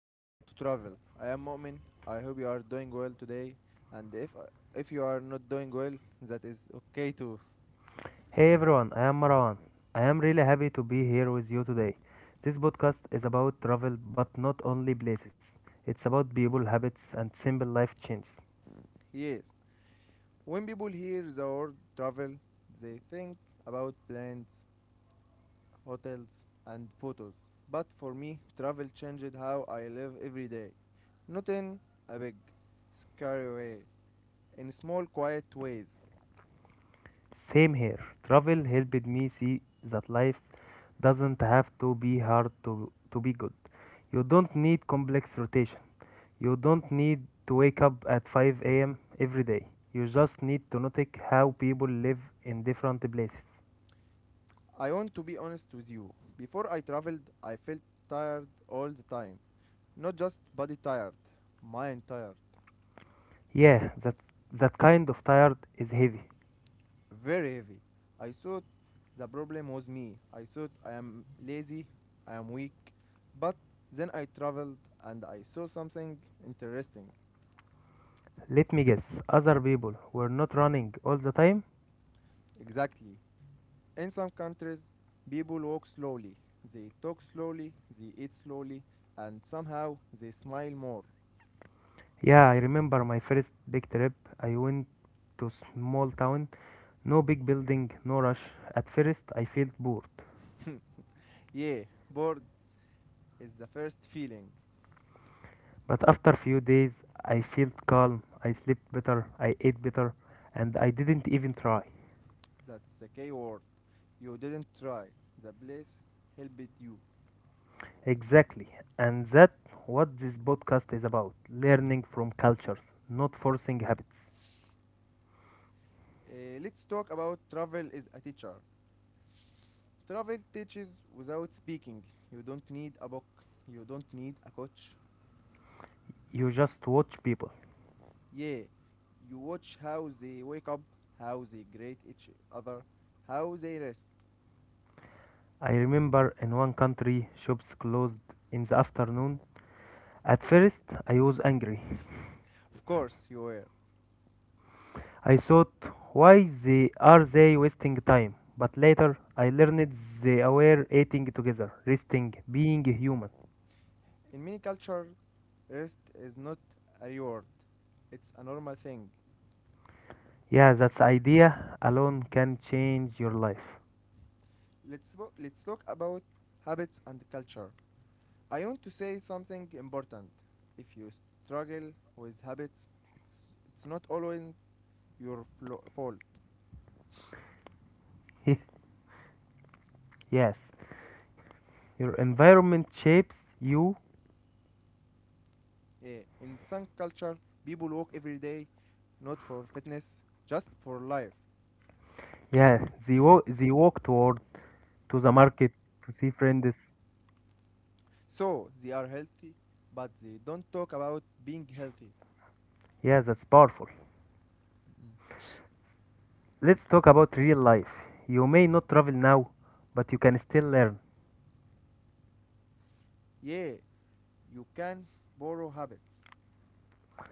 and welcome to Travel. I am Mu'min. I hope you are doing well today and if you are not doing well that is okay too. Hey everyone, I am Marwan. I am really happy to be here with you today. This podcast is about travel, but not only places. It's about people, habits, and simple life changes. Yes. When people hear the word travel they think about planes, hotels and photos. But for me travel changed how I live every day. Not in a big scary way, in small quiet ways. Same here. Travel helped me see that life doesn't have to be hard to be good. You don't need complex rotation. You don't need to wake up at 5 a.m. every day. You just need to notice how people live in different places. I want to be honest with you. Before I traveled, I felt tired all the time. Not just body tired, mind tired. Yeah, that kind of tired is heavy. Very heavy. I thought the problem was me. I thought I am lazy, I am weak. But then I traveled and I saw something interesting. Let me guess, other people were not running all the time? Exactly. In some countries, people walk slowly, they talk slowly, they eat slowly, and somehow they smile more. Yeah, I remember my first big trip. I went to small town, no big building, no rush. At first, I felt bored, Yeah, bored is the first feeling. but after few days, I felt calm. I slept better, I ate better, and I didn't even try. That's the key word. You didn't try. The place helped you. Exactly, and that's what this podcast is about: learning from cultures, not forcing habits. Let's talk about travel as a teacher. Travel teaches without speaking. You don't need a book. You don't need a coach. You just watch people. Yeah, you watch how they wake up, how they greet each other, how they rest. I remember in one country shops closed in the afternoon. At first, I was angry. Of course, you were. I thought, why they are they wasting time? But later, I learned they were eating together, resting, being human. In many cultures, rest is not a reward. It's a normal thing. Yeah, that idea alone can change your life. Let's let's talk about habits and culture. I want to say something important. If you struggle with habits, it's it's not always your fault. Yes, your environment shapes you. Yeah. In some culture, people walk every day, not for fitness, just for life. Yeah, they walk toward to the market to see friends. So they are healthy, but they don't talk about being healthy. Yeah, that's powerful. Mm. Let's talk about real life. You may not travel now, but you can still learn. Yeah, you can borrow habits.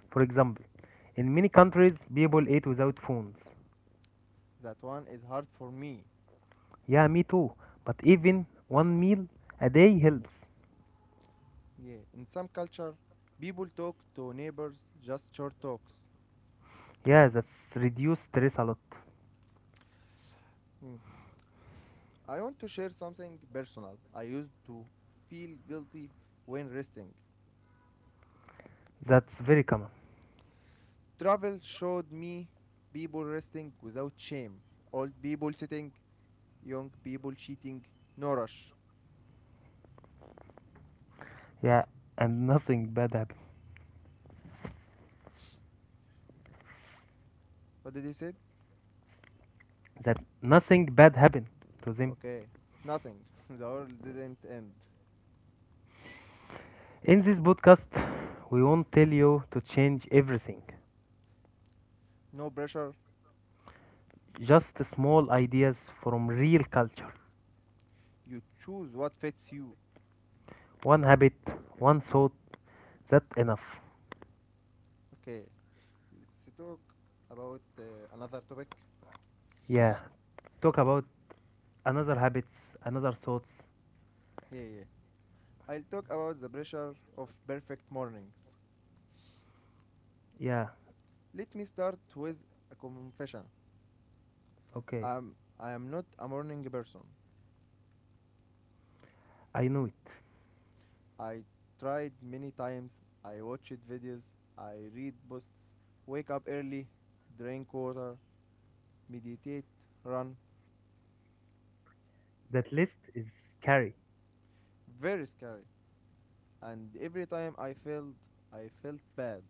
For example, in many countries, people eat without phones. That one is hard for me. Yeah, me too. But even one meal a day helps. Yeah, in some culture, people talk to neighbors just short talks. Yeah, that's reduce stress a lot. Mm. I want to share something personal. I used to feel guilty when resting. That's very common. Travel showed me people resting without shame, old people sitting, young people cheating, no rush. Yeah, and nothing bad happen. What did you say? That nothing bad happened to them. Okay, nothing. The world didn't end. In this podcast, we won't tell you to change everything. No pressure. Just small ideas from real culture. You choose what fits you. One habit, one thought, that enough. Okay, let's talk about another topic. Yeah. Talk about another habits, another thoughts. Yeah, yeah. I'll talk about the pressure of perfect mornings. Yeah. Let me start with a confession. Okay. I'm I am not a morning person. I know it. I tried many times. I watched videos. I read posts. Wake up early, drink water, meditate, run. That list is scary. Very scary. And every time I failed, I felt bad.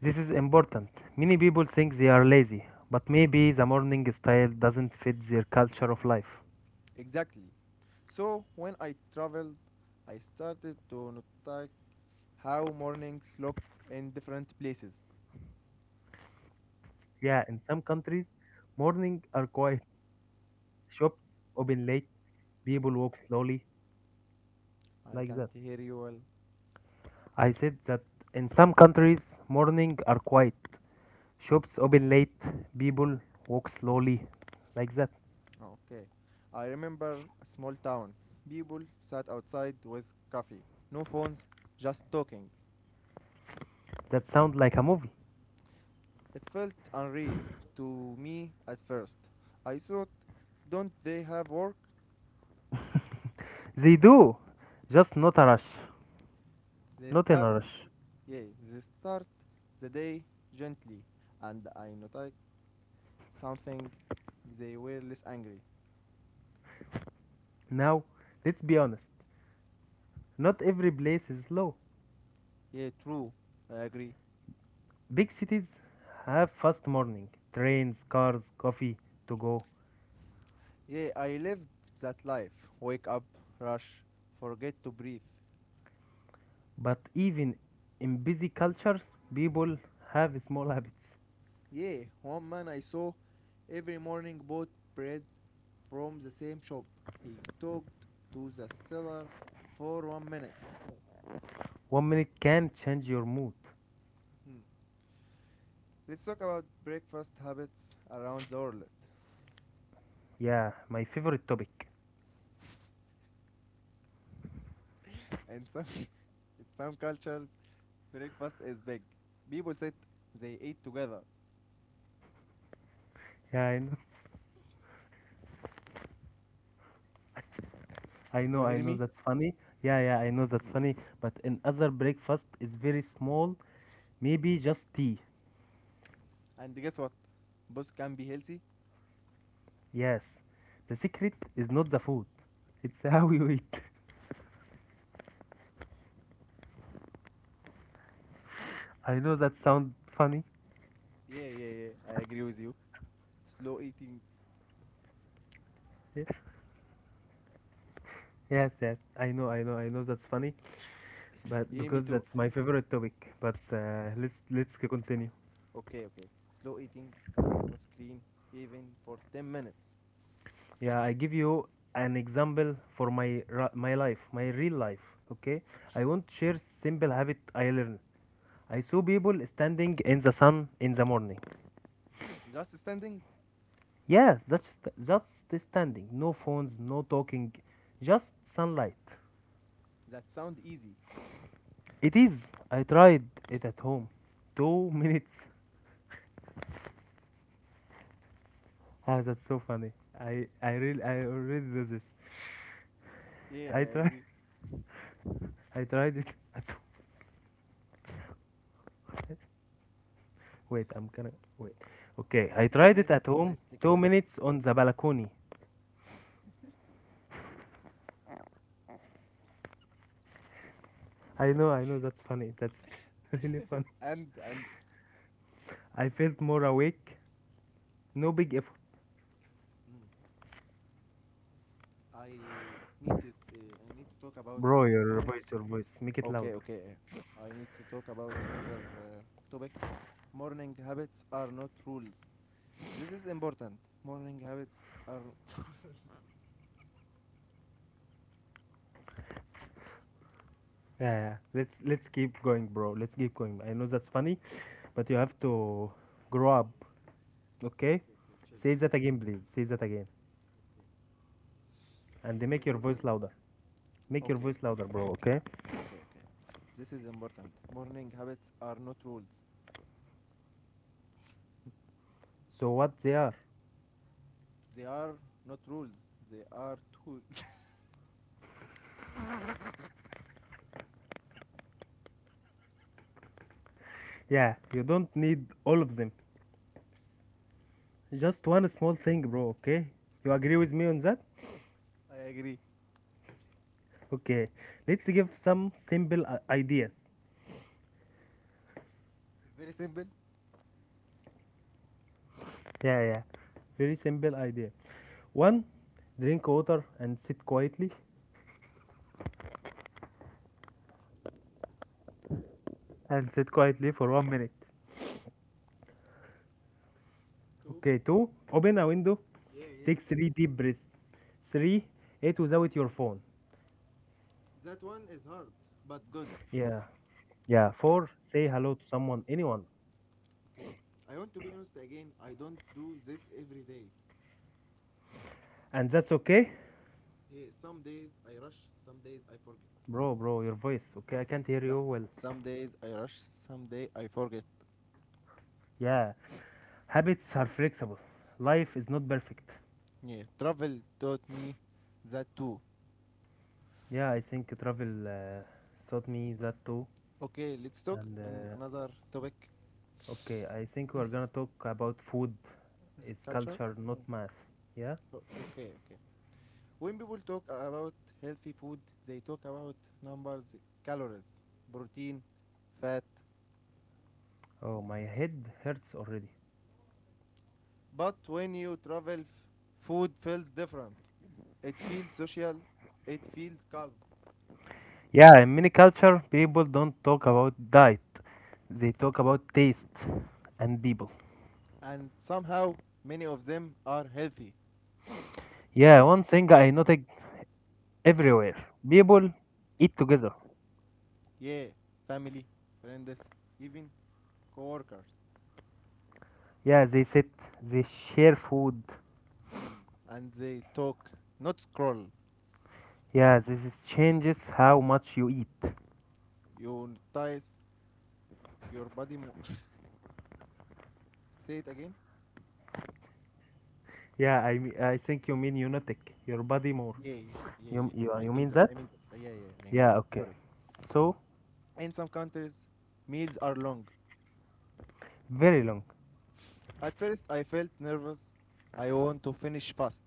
This is important. Many people think they are lazy, but maybe the morning style doesn't fit their culture of life. Exactly. So when I traveled, I started to notice how mornings look in different places. Yeah, in some countries, morning are quiet. Shops open late. People walk slowly I like can't that. hear you well. I said that in some countries, morning are quiet. Shops open late. People walk slowly like that. Okay. I remember a small town. People sat outside with coffee. No phones, just talking. That sounds like a movie. It felt unreal to me at first. I thought, don't they have work? They do, just not a rush. They Not in start, a rush. yeah, they start the day gently. And I noticed something. They were less angry. Now, let's be honest. Not every place is slow. Yeah, true. I agree. Big cities have fast morning, trains, cars, coffee to go. Yeah, I lived that life. Wake up, rush, forget to breathe. But even in busy cultures, people have small habits. Yeah, one man I saw every morning bought bread from the same shop. He talked to the seller for 1 minute. 1 minute can change your mood. Hmm. Let's talk about breakfast habits around the world. Yeah, my favorite topic. In some cultures, breakfast is big. People sit, they eat together. Yeah, I know, You I hear know me? that's funny. Yeah, yeah, I know that's funny. But another breakfast is very small, maybe just tea. And guess what? Both can be healthy. Yes, the secret is not the food, it's how you eat. I know that sounds funny. Yeah, yeah, yeah. I agree with you. Slow eating. Ye- Yes, yes, I know that's funny, but Yeah, me because too. that's my favorite topic. But let's continue. Okay, okay. Slow eating, no screen, even for 10 minutes. Yeah, I give you an example for my life, my real life. Okay, I want to share simple habit I learned. I saw people standing in the sun in the morning. Just standing? Yes, that's just standing, no phones, no talking, just sunlight. That sound easy. It is. I tried it at home. Two minutes. Ah, that's so funny. I already do this. Yeah, I I try agree. I tried it at home. Wait, I'm gonna wait. Okay, Okay, I take a tried it breath, at take a home. breath, take a Two breath. minutes on the balcony. I know, I know. That's funny. That's really funny. And, and, I felt more awake. No big effort, mm, I I need to talk about bro. another Your topic. voice, your voice. Make it Okay, louder. okay. I need to talk about another topic. Morning habits are not rules. This is important. Morning habits are. Yeah, yeah. Let's keep going, bro. Let's keep going. I know that's funny, but you have to grow up. Okay, Okay? okay, chill, Say chill. that again, please. Say that again. Okay. And That's make your voice important. louder. Make your Okay, voice louder, bro, okay, okay? okay, okay, okay. This is important. Morning habits are not rules. So, what they are? They are not rules. They are tools. Yeah, you don't need all of them. Just one small thing, bro, okay? You agree with me on that? I agree. Okay. Let's give some simple ideas. Very simple. Yeah, yeah. Very simple idea. One, drink water and sit quietly for 1 minute. Two. Okay, two, open a window, Yeah, yeah. take three deep breaths. Three, eat without your phone. That one is hard, but good. Yeah, yeah, four, say hello to someone, anyone. Okay. I want to be honest again. I don't do this every day. And that's okay? Yeah, some days I rush, some days I forget. Bro, bro, your voice, okay? I can't hear So- you well. some days I rush, some day I forget. Yeah, habits are flexible. Life is not perfect. Yeah, travel taught me that too. Yeah, I think travel taught me that too. Okay, let's talk And in another topic. okay, I think we're gonna talk about food Is is culture. culture, not math. Yeah? Okay, okay. When people talk about healthy food, they talk about numbers, calories, protein, fat. Oh, my head hurts already. But when you travel, food feels different. It feels social. It feels calm. Yeah, in many culture, people don't talk about diet. They talk about taste and people. And somehow, many of them are healthy. Yeah, one thing I noticed everywhere. People eat together. Yeah, family, friends, even coworkers. Yeah, they sit, they share food. Hmm. And they talk, not scroll. Yeah, this is changes how much you eat. You notice Your body mo Say it again? Yeah, I think you mean unitic, your body more. Yeah, yeah, yeah, You, yeah. you, I you mean mean that. that? I mean that. Yeah, yeah, I mean Yeah, that. okay. Sorry. So, In some countries, meals are long. very long. At first, I felt nervous. I want to finish fast.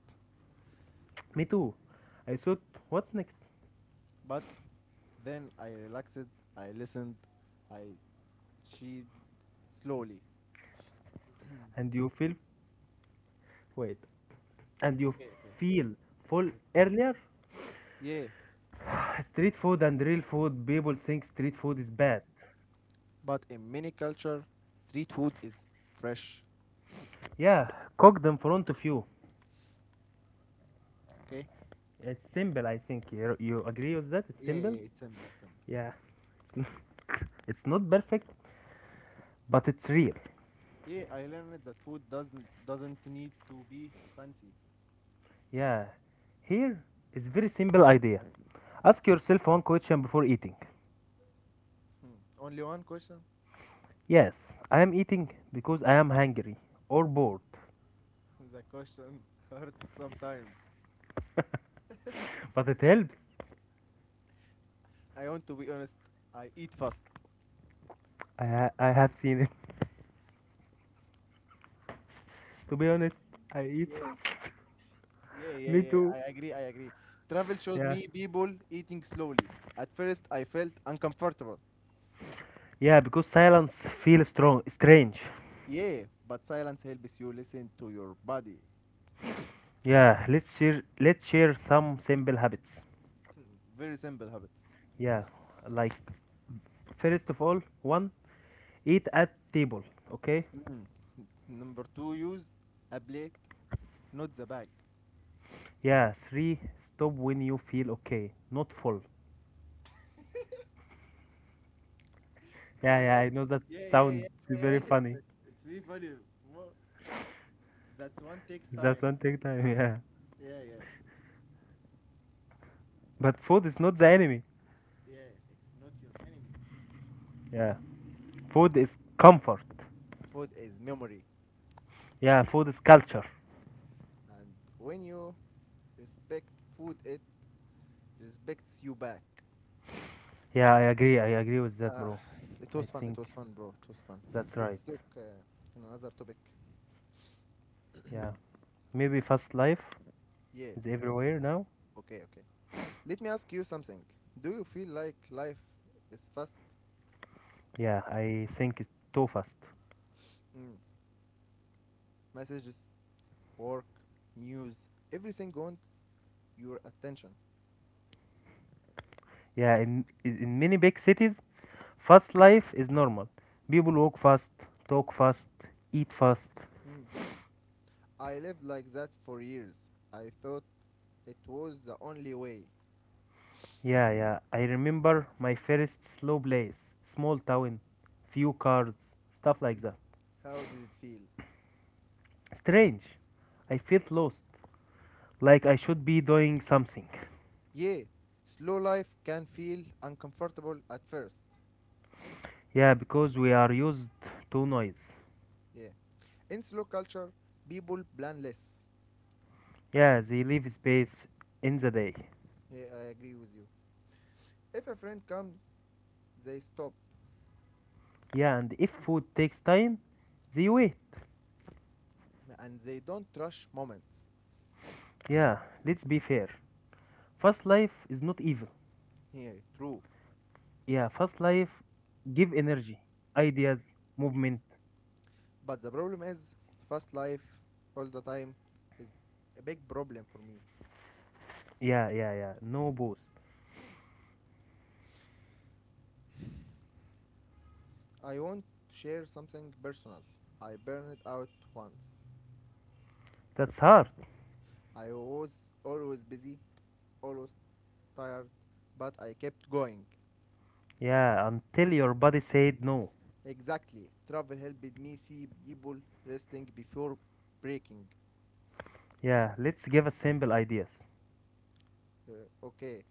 Me too. I thought, what's next? But then I relaxed, I listened, I chewed slowly. And you feel, wait, and you Okay, okay. feel full earlier? Yeah, Street food and real food, people think street food is bad. but in many culture, street food is fresh. Yeah, cooked in front of you. Okay? It's simple, I think. You agree with that? It's Yeah, simple? yeah, it's simple, simple, Yeah. simple. It's, n- it's not perfect, but it's real. Yeah, I learned that food doesn't need to be fancy. Yeah. Here is very simple idea. Ask yourself one question before eating. Hmm. Only one question. Yes, I am eating because I am hungry or bored. The question hurts sometimes. But it helps. I want to be honest. I eat fast. I have seen it. To be honest, I eat Yeah, fast. yeah, yeah, Me yeah. too. I agree. I agree. Travel showed Yeah. me people eating slowly. At first, I felt uncomfortable. Yeah, because silence feels strong, strange. Yeah, but silence helps you listen to your body. Yeah, let's share some simple habits. Very simple habits. Yeah, like first of all, one, eat at table, okay? Mm. Number two, use a plate, not the bag. Yeah, three, stop when you feel okay, not full. Yeah, That yeah, one, I know that yeah, yeah, yeah, sounds yeah. very yeah. funny. It's really funny. Mo- That one takes time. That's one take time, yeah. Yeah, yeah, But food is not the enemy. yeah. It's not your enemy. Yeah, food is comfort. Food is memory, Yeah, food is culture. and when you respect food, it respects you back. Yeah, I agree with that, Uh, bro. it I was fun. It think was fun, bro. It was fun. that's right. Let's talk on another topic. Yeah, maybe fast life Yeah. is everywhere now. Okay. Okay. Let me ask you something. Do you feel like life is fast? Yeah, I think it's too fast. Mm. Messages, work, news, everything wants your attention. Yeah, in many big cities, fast life is normal. People walk fast, talk fast, eat fast. Mm. I lived like that for years. I thought it was the only way. Yeah, yeah. I remember my first slow place, small town, few cars, stuff like that. How did it feel? Strange. I felt lost, like I should be doing something. Yeah, slow life can feel uncomfortable at first. Yeah, because we are used to noise. Yeah. In slow culture, people plan less. Yeah, they leave space in the day. Yeah, I agree with you. If a friend comes, they stop Yeah, and if food takes time, they wait. and they don't rush moments. Yeah, let's be fair. Fast life is not evil. Yeah, true. Yeah, fast life give energy, ideas, movement. But the problem is fast life all the time is a big problem for me. Yeah, yeah, yeah. No booze. I want to share something personal. I burned out once. That's hard. I was always busy, always tired, but I kept going. Yeah, until your body said no. Exactly. Travel helped me see people resting before breaking. Yeah, let's give a simple ideas. Okay.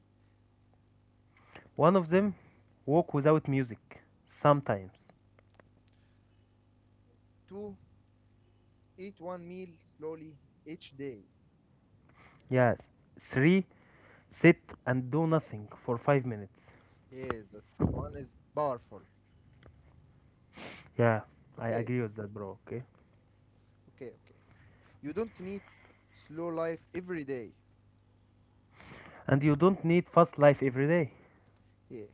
One of them, walk without music. Sometimes. Two, eat one meal slowly each day. Yes. Three, sit and do nothing for 5 minutes. Yes, that one is powerful. Yeah, I Okay, agree with that, bro. Okay. okay, okay. You don't need slow life every day. And you don't need fast life every day. Yeah.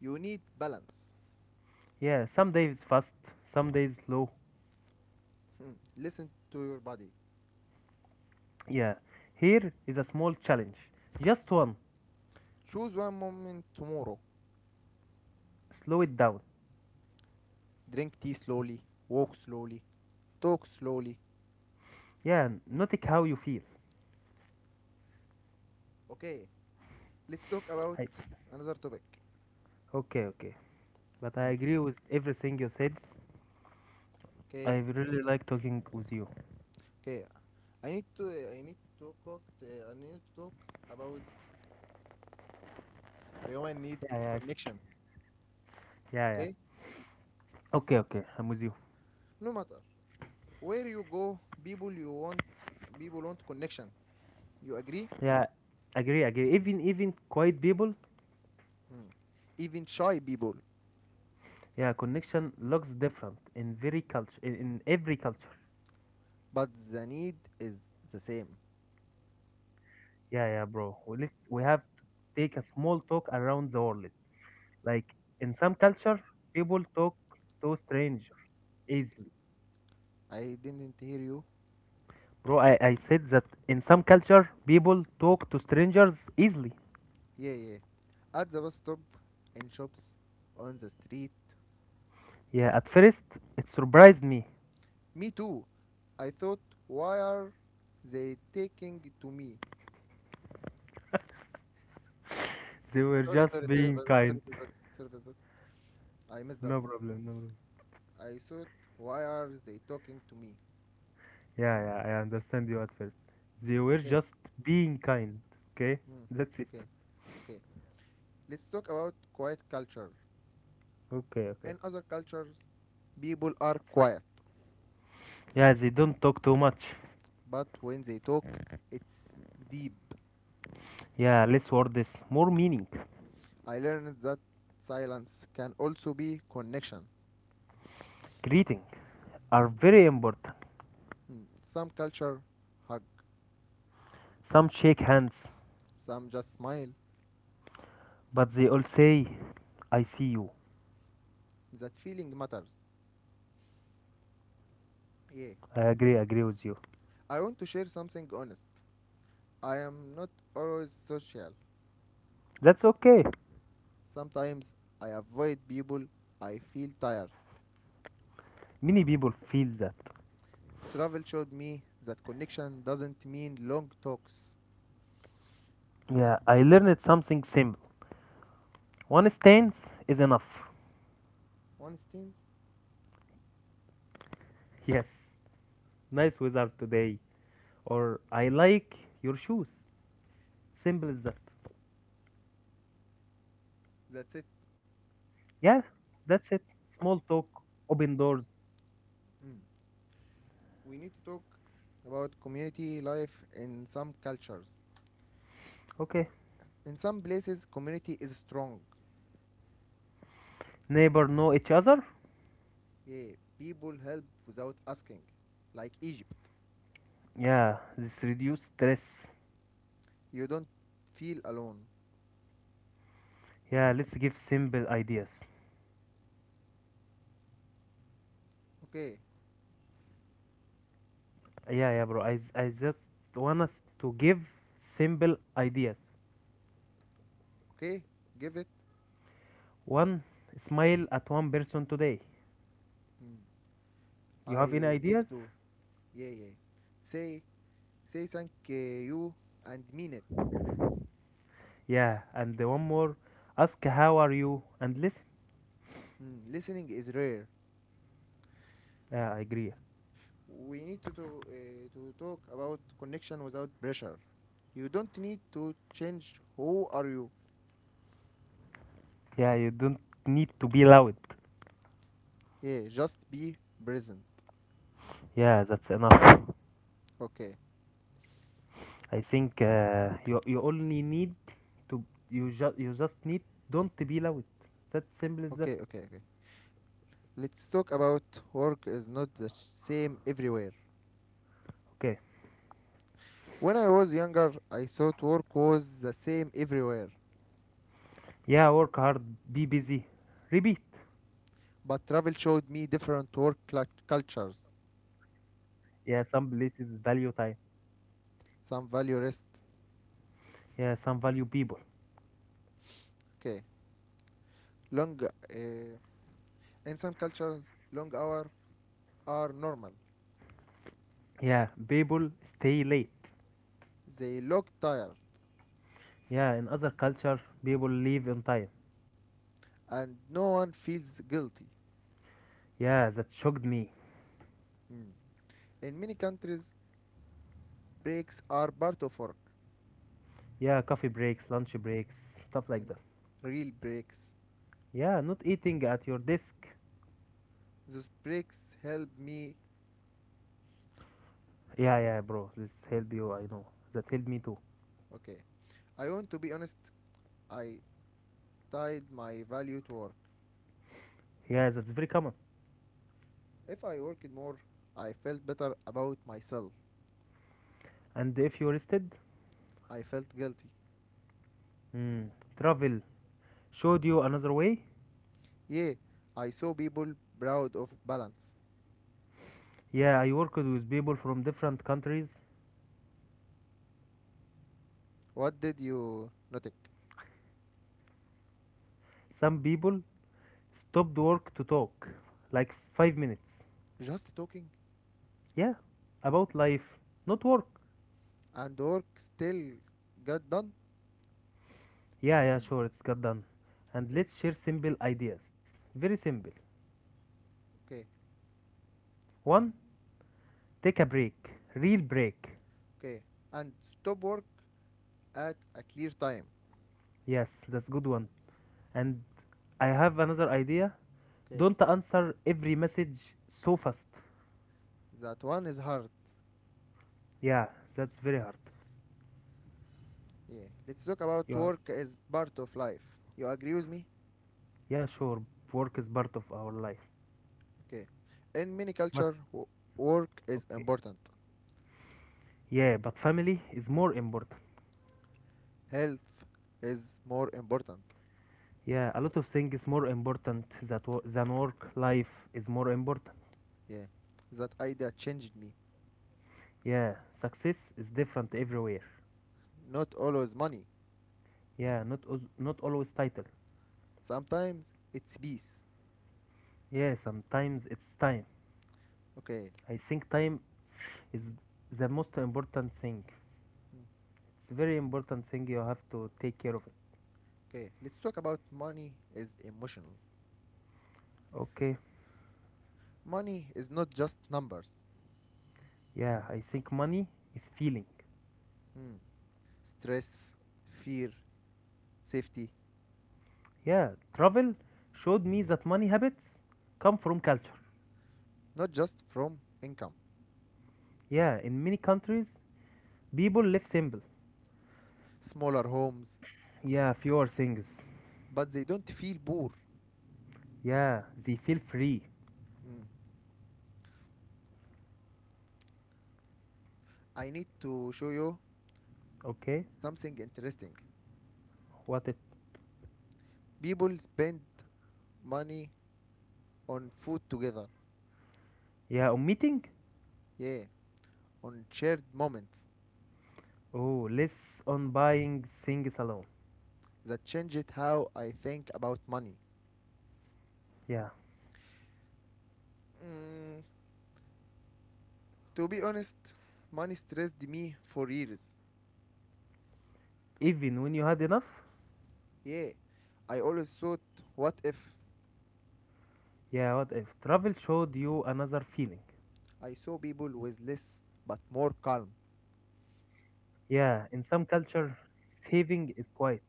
You need balance. Yeah, some days fast, some days slow. Hmm. Listen to your body. Yeah, here is a small challenge. Just one. Choose one moment tomorrow. Slow it down. Drink tea slowly, walk slowly, talk slowly. Yeah, notice how you feel. Okay, let's talk about I another topic. Okay, okay. But I Hmm. agree with everything you said. I Okay, really like talking with you. okay. I need to talk I need to talk about human need Yeah, yeah, connection. yeah, yeah. Okay, Okay, okay. I'm with you. no matter where you go, people want connection. You agree? Yeah, agree, agree. Even quiet people. Hmm. Even shy people, Yeah, connection looks different in very culture in every culture. but the need is the same. Yeah, yeah, bro. We have to take a small talk around the world. Like in some culture, people talk to strangers easily. I didn't hear you. Bro, I said that in some culture, people talk to strangers easily. Yeah, yeah. At the bus stop, in shops, on the street. Yeah, at first, it surprised me. Me too. I thought, why are they taking it to me? They were Sorry, just sorry, sorry being for that. kind. Sorry for that. Sorry for that. I messed up. No problem, no problem. I thought, why are they talking to me? Yeah, yeah, I understand you at first. They were Okay. just being kind. Okay, Hmm. that's it. Okay. Okay. Let's talk about quiet culture. Okay, okay. In other cultures, people are quiet. Yeah, they don't talk too much. But when they talk, it's deep. Yeah, less words, more meaning. I learned that silence can also be connection. Greeting are very important. Hmm, some culture hug, Some shake hands. some just smile. But they all say, I see you. That feeling matters. Yeah. I agree, agree with you. I want to share something honest. I am not always social. That's okay. Sometimes I avoid people. I feel tired. Many people feel that. Travel showed me that connection doesn't mean long talks. Yeah, I learned something simple. One stance is enough. One instance, Yes, nice weather today. Or I like your shoes. Simple as that. that's it. Yeah, that's it. Small talk, open doors. Mm. We need to talk about community life in some cultures. Okay. In some places, community is strong. Neighbor know each other? Yeah, people help without asking, like Egypt. Yeah, this reduce stress. You don't feel alone. Yeah, let's give simple ideas. Okay, Yeah, yeah, bro. I just want us to give simple ideas. okay, give it. One, smile at one person today. Mm, You have any I ideas? give to. Yeah, yeah. Say, say thank you and mean it. Yeah, and the one more, ask how are you and listen. Mm, listening is rare. Yeah, I agree. We need to talk about connection without pressure. You don't need to change who are you. Yeah, you don't need to be loud. Yeah, just be present. Yeah, that's enough. Okay, I think you only need to you just need don't be loud. That simple as that. okay, okay, okay. Let's talk about work is not the same everywhere. Okay. When I was younger, I thought work was the same everywhere, Yeah, work hard, be busy, repeat. but travel showed me different work cultures. Yeah, some places value time. Some value rest. Yeah, some value people. Okay, long. In some cultures, long hours are normal. Yeah, people stay late. They look tired, Yeah, in other culture, people leave on time. and no one feels guilty. Yeah, that shocked me. Mm. In many countries, breaks are part of work. Yeah, coffee breaks, lunch breaks, stuff like Mm. that. Real breaks. Yeah, not eating at your desk. Those bricks help me. Yeah, yeah, bro, this help you, I know. That helped me too. Okay. I want to be honest. I tied my value to work. Yeah, that's very common. If I worked more, I felt better about myself. And if you rested, I felt guilty. hmm, travel showed you another way. Yeah, I saw people proud of balance. Yeah, I worked with people from different countries. What did you notice? Some people stopped work to talk, like 5 minutes. Just talking Yeah, about life, not work. and work still got done? Yeah, yeah, sure, it's got done. And Okay, let's share simple ideas. Very simple. okay, One, take a break, real break. okay. And stop work at a clear time. Yes, that's good one. And I have another idea. Okay, Don't answer every message so fast. that one is hard. Yeah, that's very hard. Yeah, let's talk about Yeah, work as part of life. You agree with me? yeah, sure, work is part of our life. Okay. In many But culture, work is okay. important. Yeah, but family is more important. Health is more important. Yeah, a lot of things is more important that than work. Life is more important. Yeah. That idea changed me. Yeah, success is different everywhere. Not always money. Yeah, not not always title. Sometimes it's peace. Yeah, sometimes it's time. Okay. I think time is the most important thing. Mm. It's very important thing you have to take care of it. Okay. Let's talk about money is emotional. Okay. Money is not just numbers. Yeah, I think money is feeling. Hmm. Stress, fear, safety. Yeah, travel showed me that money habits come from culture. Not just from income. Yeah, in many countries, people live simple. S- Smaller homes. Yeah, fewer things. But they don't feel poor. Yeah, they feel free. Mm. I need to show you Okay, something interesting. what it? People spend money on food together. Yeah, on meeting, Yeah, on shared moments. oh, less on buying things alone. That changed how I think about money. Yeah. Mm, to be honest, money stressed me for years. Even when you had enough? Yeah, I always thought, what if Yeah, what if? Travel showed you another feeling. I saw people with less but more calm? Yeah, in some culture, saving is quiet,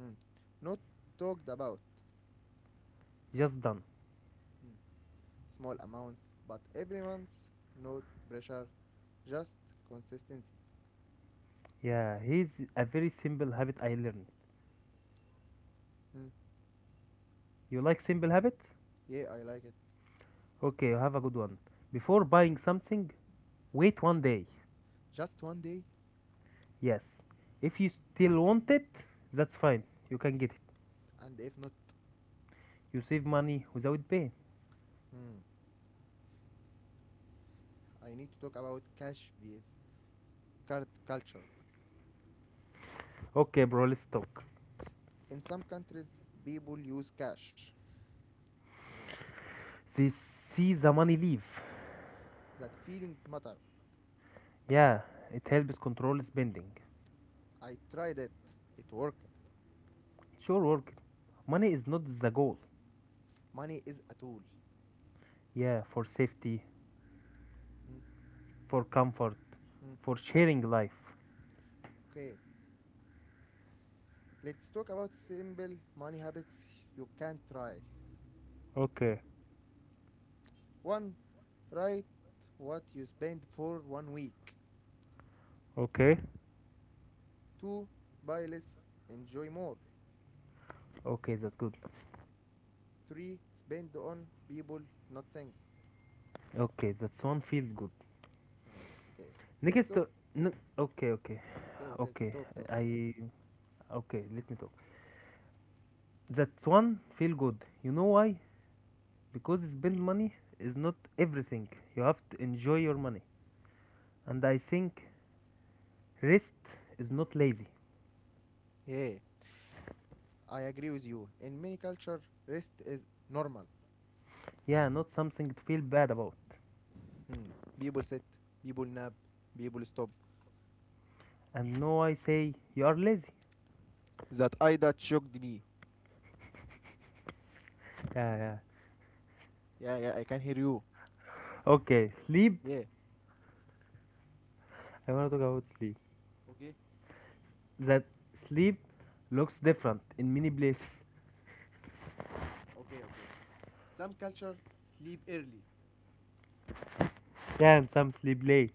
Mm, Not talked about just done. mm, small amounts, but every month, no pressure, just consistency. Yeah, here's a very simple habit I learned. Mm. You like simple habits? Yeah, I like it. Okay, you have a good one. Before buying something, wait one day. Just one day, Yes. If you still want it, that's fine. You can get it. and if not. You save money without paying. Hmm. I need to talk about cash with card culture. Okay, bro, let's talk. In some countries, people use cash. They see the money leave. That feelings matter. Yeah, it helps control spending. I tried it. It worked. Sure, work. Money is not the goal. Money is a tool. Yeah, for safety, Mm, for comfort, mm. for sharing life. Okay, let's talk about simple money habits you can try. Okay, One, write what you spend for one week. okay. Two, buy less, enjoy more. Okay, that's good. Three, spend on people, not things. Okay, that one feels good. Ah, okay, let's Next, talk. n- okay, okay, Okay, okay, okay. talk, talk. I Okay. Let me talk. That one feel good. You know why? Because spend money is not everything. You have to enjoy your money. And I think rest is not lazy. Hey, I agree with you. In many cultures, rest is normal. Yeah, not something to feel bad about. Hmm. People sit, people nap, people stop. And no, I say you are lazy. That shocked me. Yeah, yeah. Yeah, yeah, I can hear you. Okay, sleep. Yeah. I want to talk about sleep. Okay, That sleep looks different in many places. okay, okay. Some culture sleep early, and Yeah, and some sleep late.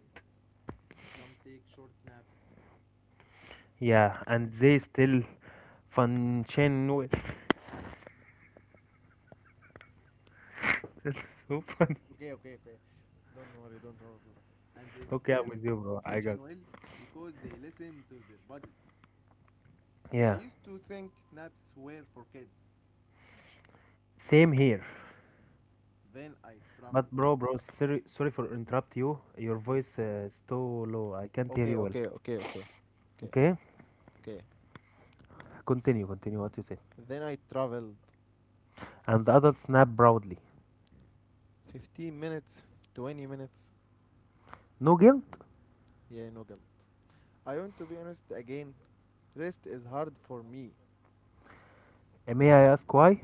some take short naps. Yeah, and they still function well. That's so funny. Okay, okay, okay. Don't worry, don't worry, bro. And they Okay, I'm still with you, bro. I got. function well because they listen to their body. I Yeah, used to think naps were for kids. same here. Then I traveled. But bro, sorry, sorry for interrupt you. Your Okay. voice is too low. I can't hear you Okay, well. okay, okay, okay, okay, Okay, okay. continue what you said. Then I traveled And the adult snapped proudly. 15 minutes, 20 minutes. No guilt? Yeah, no guilt. I want to be honest again. Rest is hard for me. May I ask why?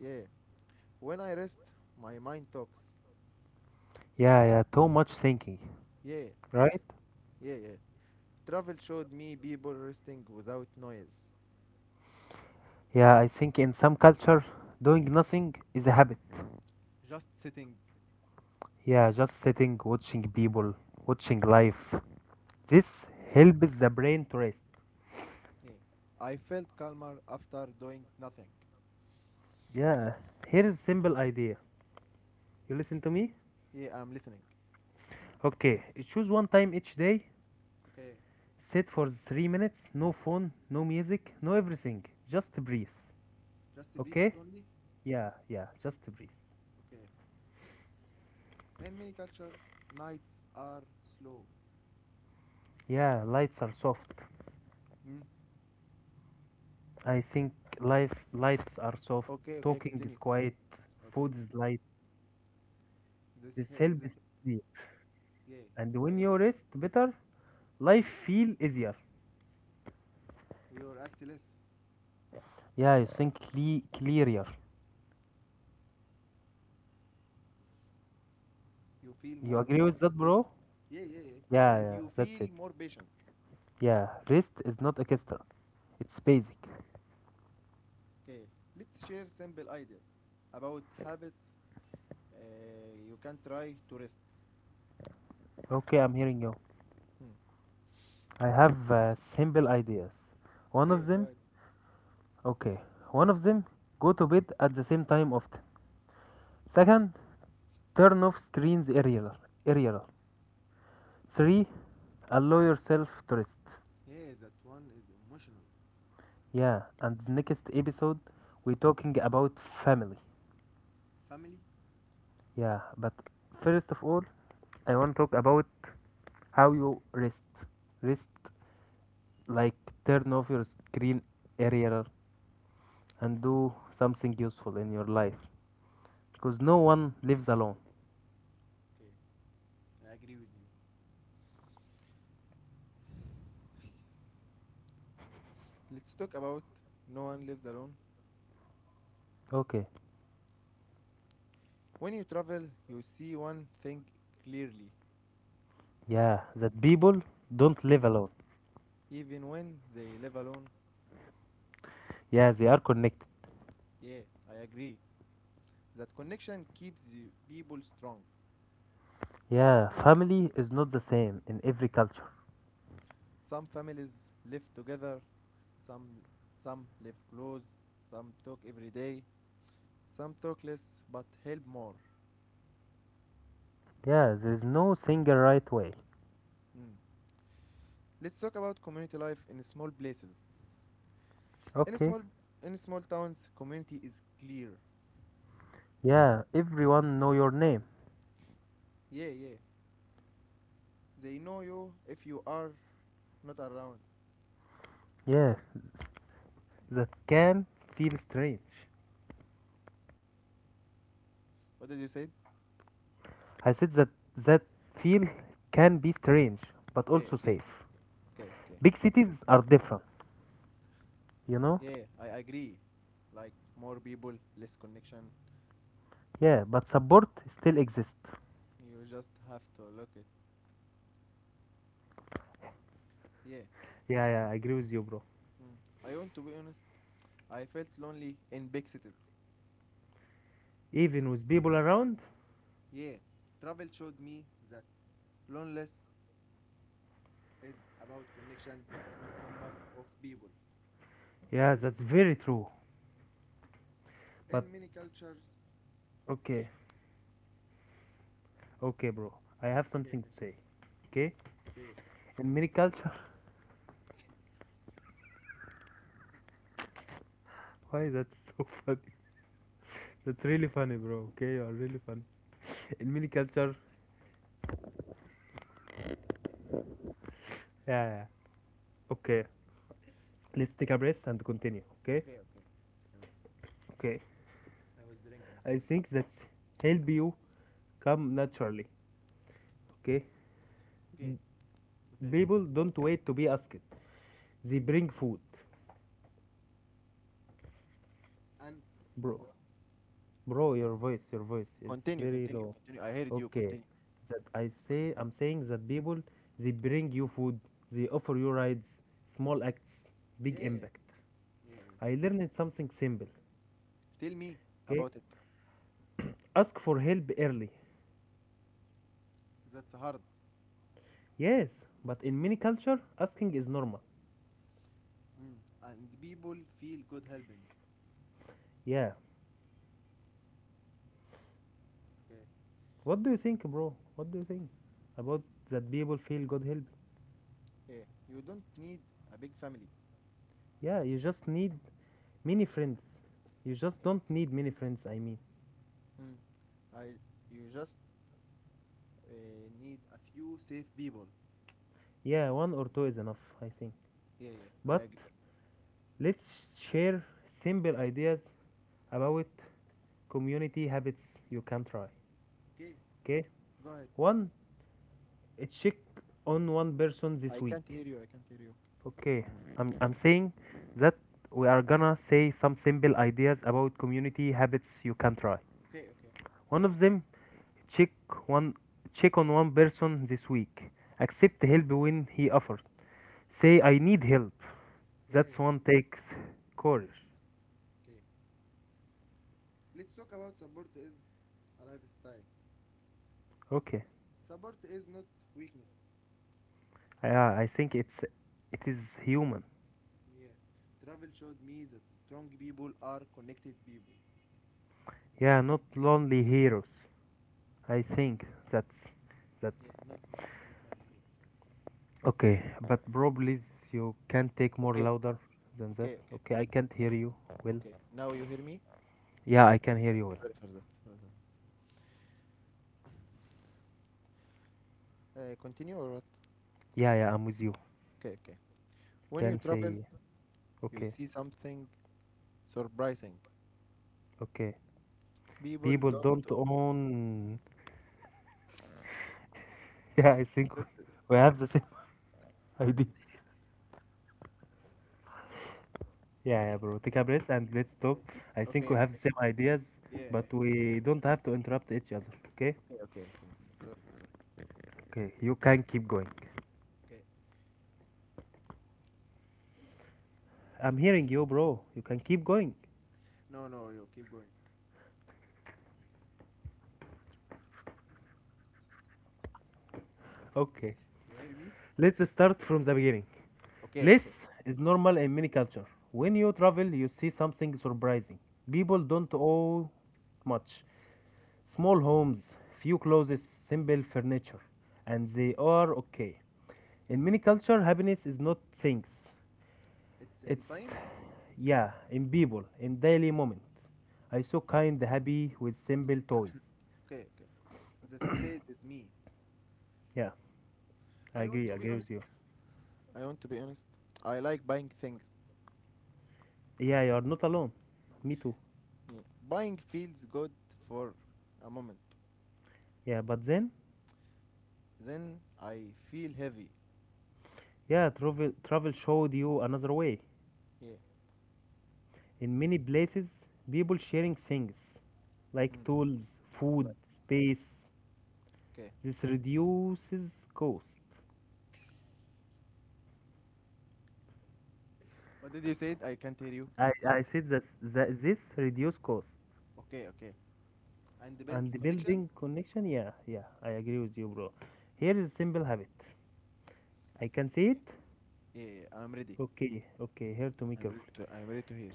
Yeah. When I rest, my mind talks. Yeah, yeah, too much thinking, Yeah, right? yeah, yeah. Travel showed me people resting without noise, Yeah, I think in some culture, doing nothing is a habit. just sitting. Yeah, just sitting, watching people, watching life. This helps the brain to rest. Yeah. I felt calmer after doing nothing. Yeah, here is simple idea. You listen to me? Yeah, I'm listening. Okay, choose one time each day, Okay. sit for 3 minutes, no phone, no music, no everything, just breathe. Just breathe Okay? only. Yeah, yeah, just breathe. Okay. In many culture, nights are slow. Yeah, lights are soft. Mm. I think life lights are soft, Okay, okay, talking continue. is quiet, Okay, food is light, this this hey, helps sleep. yeah, And I, when you rest better, life mm, feel easier. you act less, Yeah, you think clearer. you feel You more agree with that, patient. bro? Yeah, yeah, yeah, Yeah, and yeah, you that's feel it. more patient. Yeah, rest is not extra. It's basic. Okay. Let's share simple ideas about habits you can try to rest. Okay, I'm hearing you. Hmm. I have simple ideas. One Okay, of go them, ahead. okay. One of them, go to bed at the same time often. Second, turn off screens earlier. Earlier. Okay. 3. Allow yourself to rest. Yeah, that one is emotional. Yeah, and next episode we're talking about family. Family. Yeah, but first of all, I want to talk about how you rest. Rest like turn off your screen area and do something useful in your life because no Okay. one lives alone. Okay. I agree with you. Let's talk about No One Lives Alone. Okay. When you travel, you see one thing clearly. Yeah, that people don't live alone. Even when they live alone, Yeah, they are connected. yeah, I agree. That connection keeps the people strong. Yeah, family is not the same in every culture. Some families live together, some some live close, some talk every day, some talk less but help more. Yeah, there's no single right way. Hmm. Let's talk about community life in small places. In Okay. small in small towns, community is clear. Yeah, everyone know your name. Yeah, yeah. They know you if you are not around. Yeah, that can feel strange. What did you say? I said that that feel can be strange, but Okay, also okay, safe. okay, okay. Big cities are different, you know? Yeah, yeah, I agree. Like more people, less connection. Yeah, but support still exists. You just have to look at. Yeah. Yeah, yeah, I agree with you, bro. Mm. I want to be honest. I felt lonely in big cities. Even with people around? Yeah. Travel showed me that loneliness is about connection, not number of people. Yeah, that's very true. But In many cultures. okay, okay, bro. I have Okay, something to okay, say. okay. Okay? Say it. In many culture, why that's so funny? That's really funny, bro. Okay, you are really funny. In many culture, yeah, yeah. Okay, let's take a breath and continue. Okay, Okay, okay. Second. okay. I was drinking. I Sorry. think that's help you come naturally. Okay, Okay. Okay, okay. people don't wait to be asked. They bring food, And and bro. what? Your voice is Continue, very continue, low. continue. I heard you. Okay, Continue. that I say, I'm saying that people they bring you food, they offer you rides, small acts, big Yeah, impact. yeah, yeah. I learned something simple. Tell me Okay, about it. ask for help early. That's hard. Yes, but in many culture, asking is normal. Mm. And people feel good helping. Yeah. Okay. What do you think, bro? What do you think about that people feel God help? Yeah, you don't need a big family. Yeah, you just need many friends. You just Yeah. don't need many friends, I mean. Mm. I, you just need a few safe people. Yeah, one or two is enough, I think. Yeah, yeah. I But agree. let's share simple ideas about community habits you can try. Okay. Okay? Go ahead. One, check on one person this I can't week. hear you. I can't hear you. Okay, I'm saying that we are gonna say some simple ideas about community habits you can try. Okay, okay. One of them, check one check on one person this week. Accept help when he offers. Say I need help. That's Yeah, one takes courage. okay. Let's talk about support is a lifestyle. Okay. Support is not weakness. It, Yeah, I think it is human. yeah. Travel showed me that strong people are connected people. Yeah, not lonely heroes. I Yeah. think that's that. Yeah. Not only here. Sorry. Okay, but bro, please, you can take more Okay. louder than that. Okay. Okay. Okay, I can't hear you well. Okay. Now you hear me? Yeah, I can hear Yeah, you well. sorry for that. Sorry for that. Continue or what? Yeah, yeah, I'm with you. Okay. Okay. When you Can travel, say, you okay, see something surprising. okay. People People don't don't. Own. Yeah, I think we that- that- we have the same idea. Yeah, yeah, bro. Take a breath and let's talk. I think Okay. we have the Okay. same ideas, Yeah. but Same we don't ideas. have to interrupt each other. Okay? Okay. Okay. Okay. Sorry. Sorry. Okay, you can keep going. Okay. I'm hearing you, bro. You can keep going. No. No. You keep going. Okay, You hear me? let's start from the beginning. Okay, Less okay. is normal in many culture. When you travel, you see something surprising. People don't own much. Small homes, few clothes, simple furniture, and they are okay. In many culture, happiness is not things. It's in It's time? yeah, in people, in daily moment. I saw kind, happy with simple toys. Okay, okay. That stayed with me. Yeah, I I want agree. I to be agree with honest. you. I want to be honest. I like buying things. Yeah, you are not alone. Me too. Yeah. Buying feels good for a moment. Yeah, but then, Then I feel heavy. yeah, travel showed you another way. Yeah. In many places, people sharing things like Hmm. tools, food, Like, space, okay. this reduces cost. What did you say? I can't hear you. i So, i said that, this reduce cost okay, okay. And the builds and the connection? building connection. Yeah, yeah, I agree with you, bro. Here is a simple habit I can see it. Yeah, I'm ready. Okay, okay, here to me carefully. I'm ready to hear.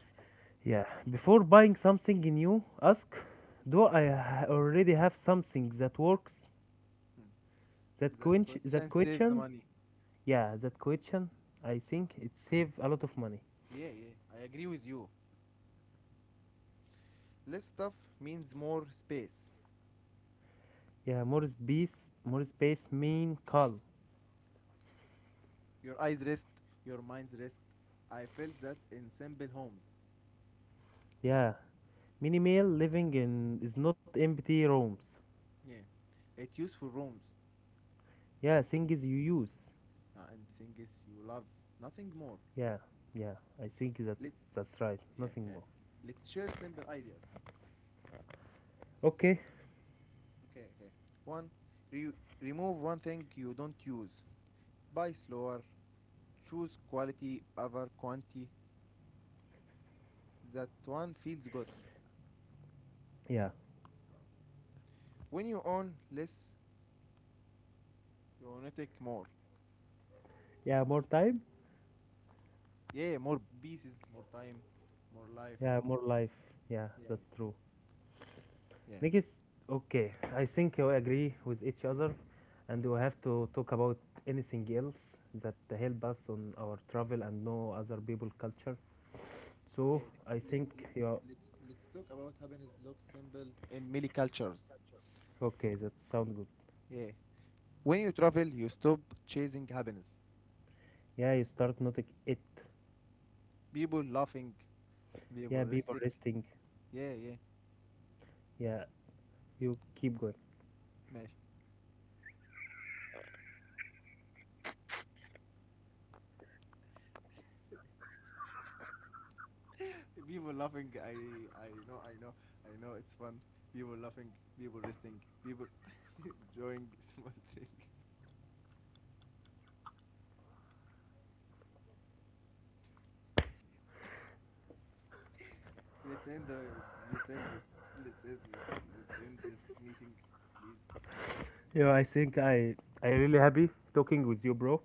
Yeah, before buying something new, ask, do I already have something that works? Hmm. That That quench that question saves the question. money. Yeah, that question, I think it save a lot of money. Yeah, yeah. I agree with you. Less stuff means more space. Yeah, more space mean calm. Your eyes rest, your minds rest. I felt that in simple homes. Yeah, minimal living in is not empty rooms. Yeah. It useful rooms Yeah, things you use. And things you love. Nothing more. Yeah, yeah, I think Let that's right. yeah, Nothing yeah. more. Let's share simple ideas. Okay. Okay, okay. One, re- remove one thing you don't use. Buy slower. Choose quality over quantity. That one feels good. Yeah. When you own less, you own it more. Yeah, more time. Yeah, more pieces, more time, more life. Yeah, more life. Yeah, Yeah, that's true. yeah, yeah. Next, okay. I think we agree with each other, and we have to talk about anything else that help us on our travel and know other people culture. So Yeah, I let's, let, think let, you're let's, let's talk about happiness looks simple in many cultures. okay. That sound good. Yeah. When you travel, you stop chasing happiness. Yeah, you start noting it. People laughing, people Yeah, people resting. listening. Yeah, yeah. Yeah, you keep going. Mesh. People laughing, I know, I know, I know, it's fun. People laughing, people resting, people enjoying small things. Let's end the. Let's end this. Let's end this. Let's end this meeting, please. Yeah, I think I really happy talking with you, bro,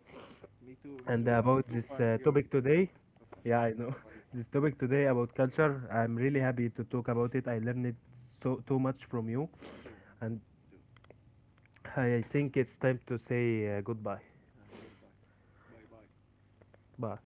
Me too. Me and too. You are about so this fun. You are topic so fun. today. You are so fun. Yeah, You I are so know funny. this topic today about culture. I'm really happy to talk about it. I learned it so too much from you, Me too. Me too. and Me too. I think it's time to say goodbye. And goodbye. Bye bye. Bye.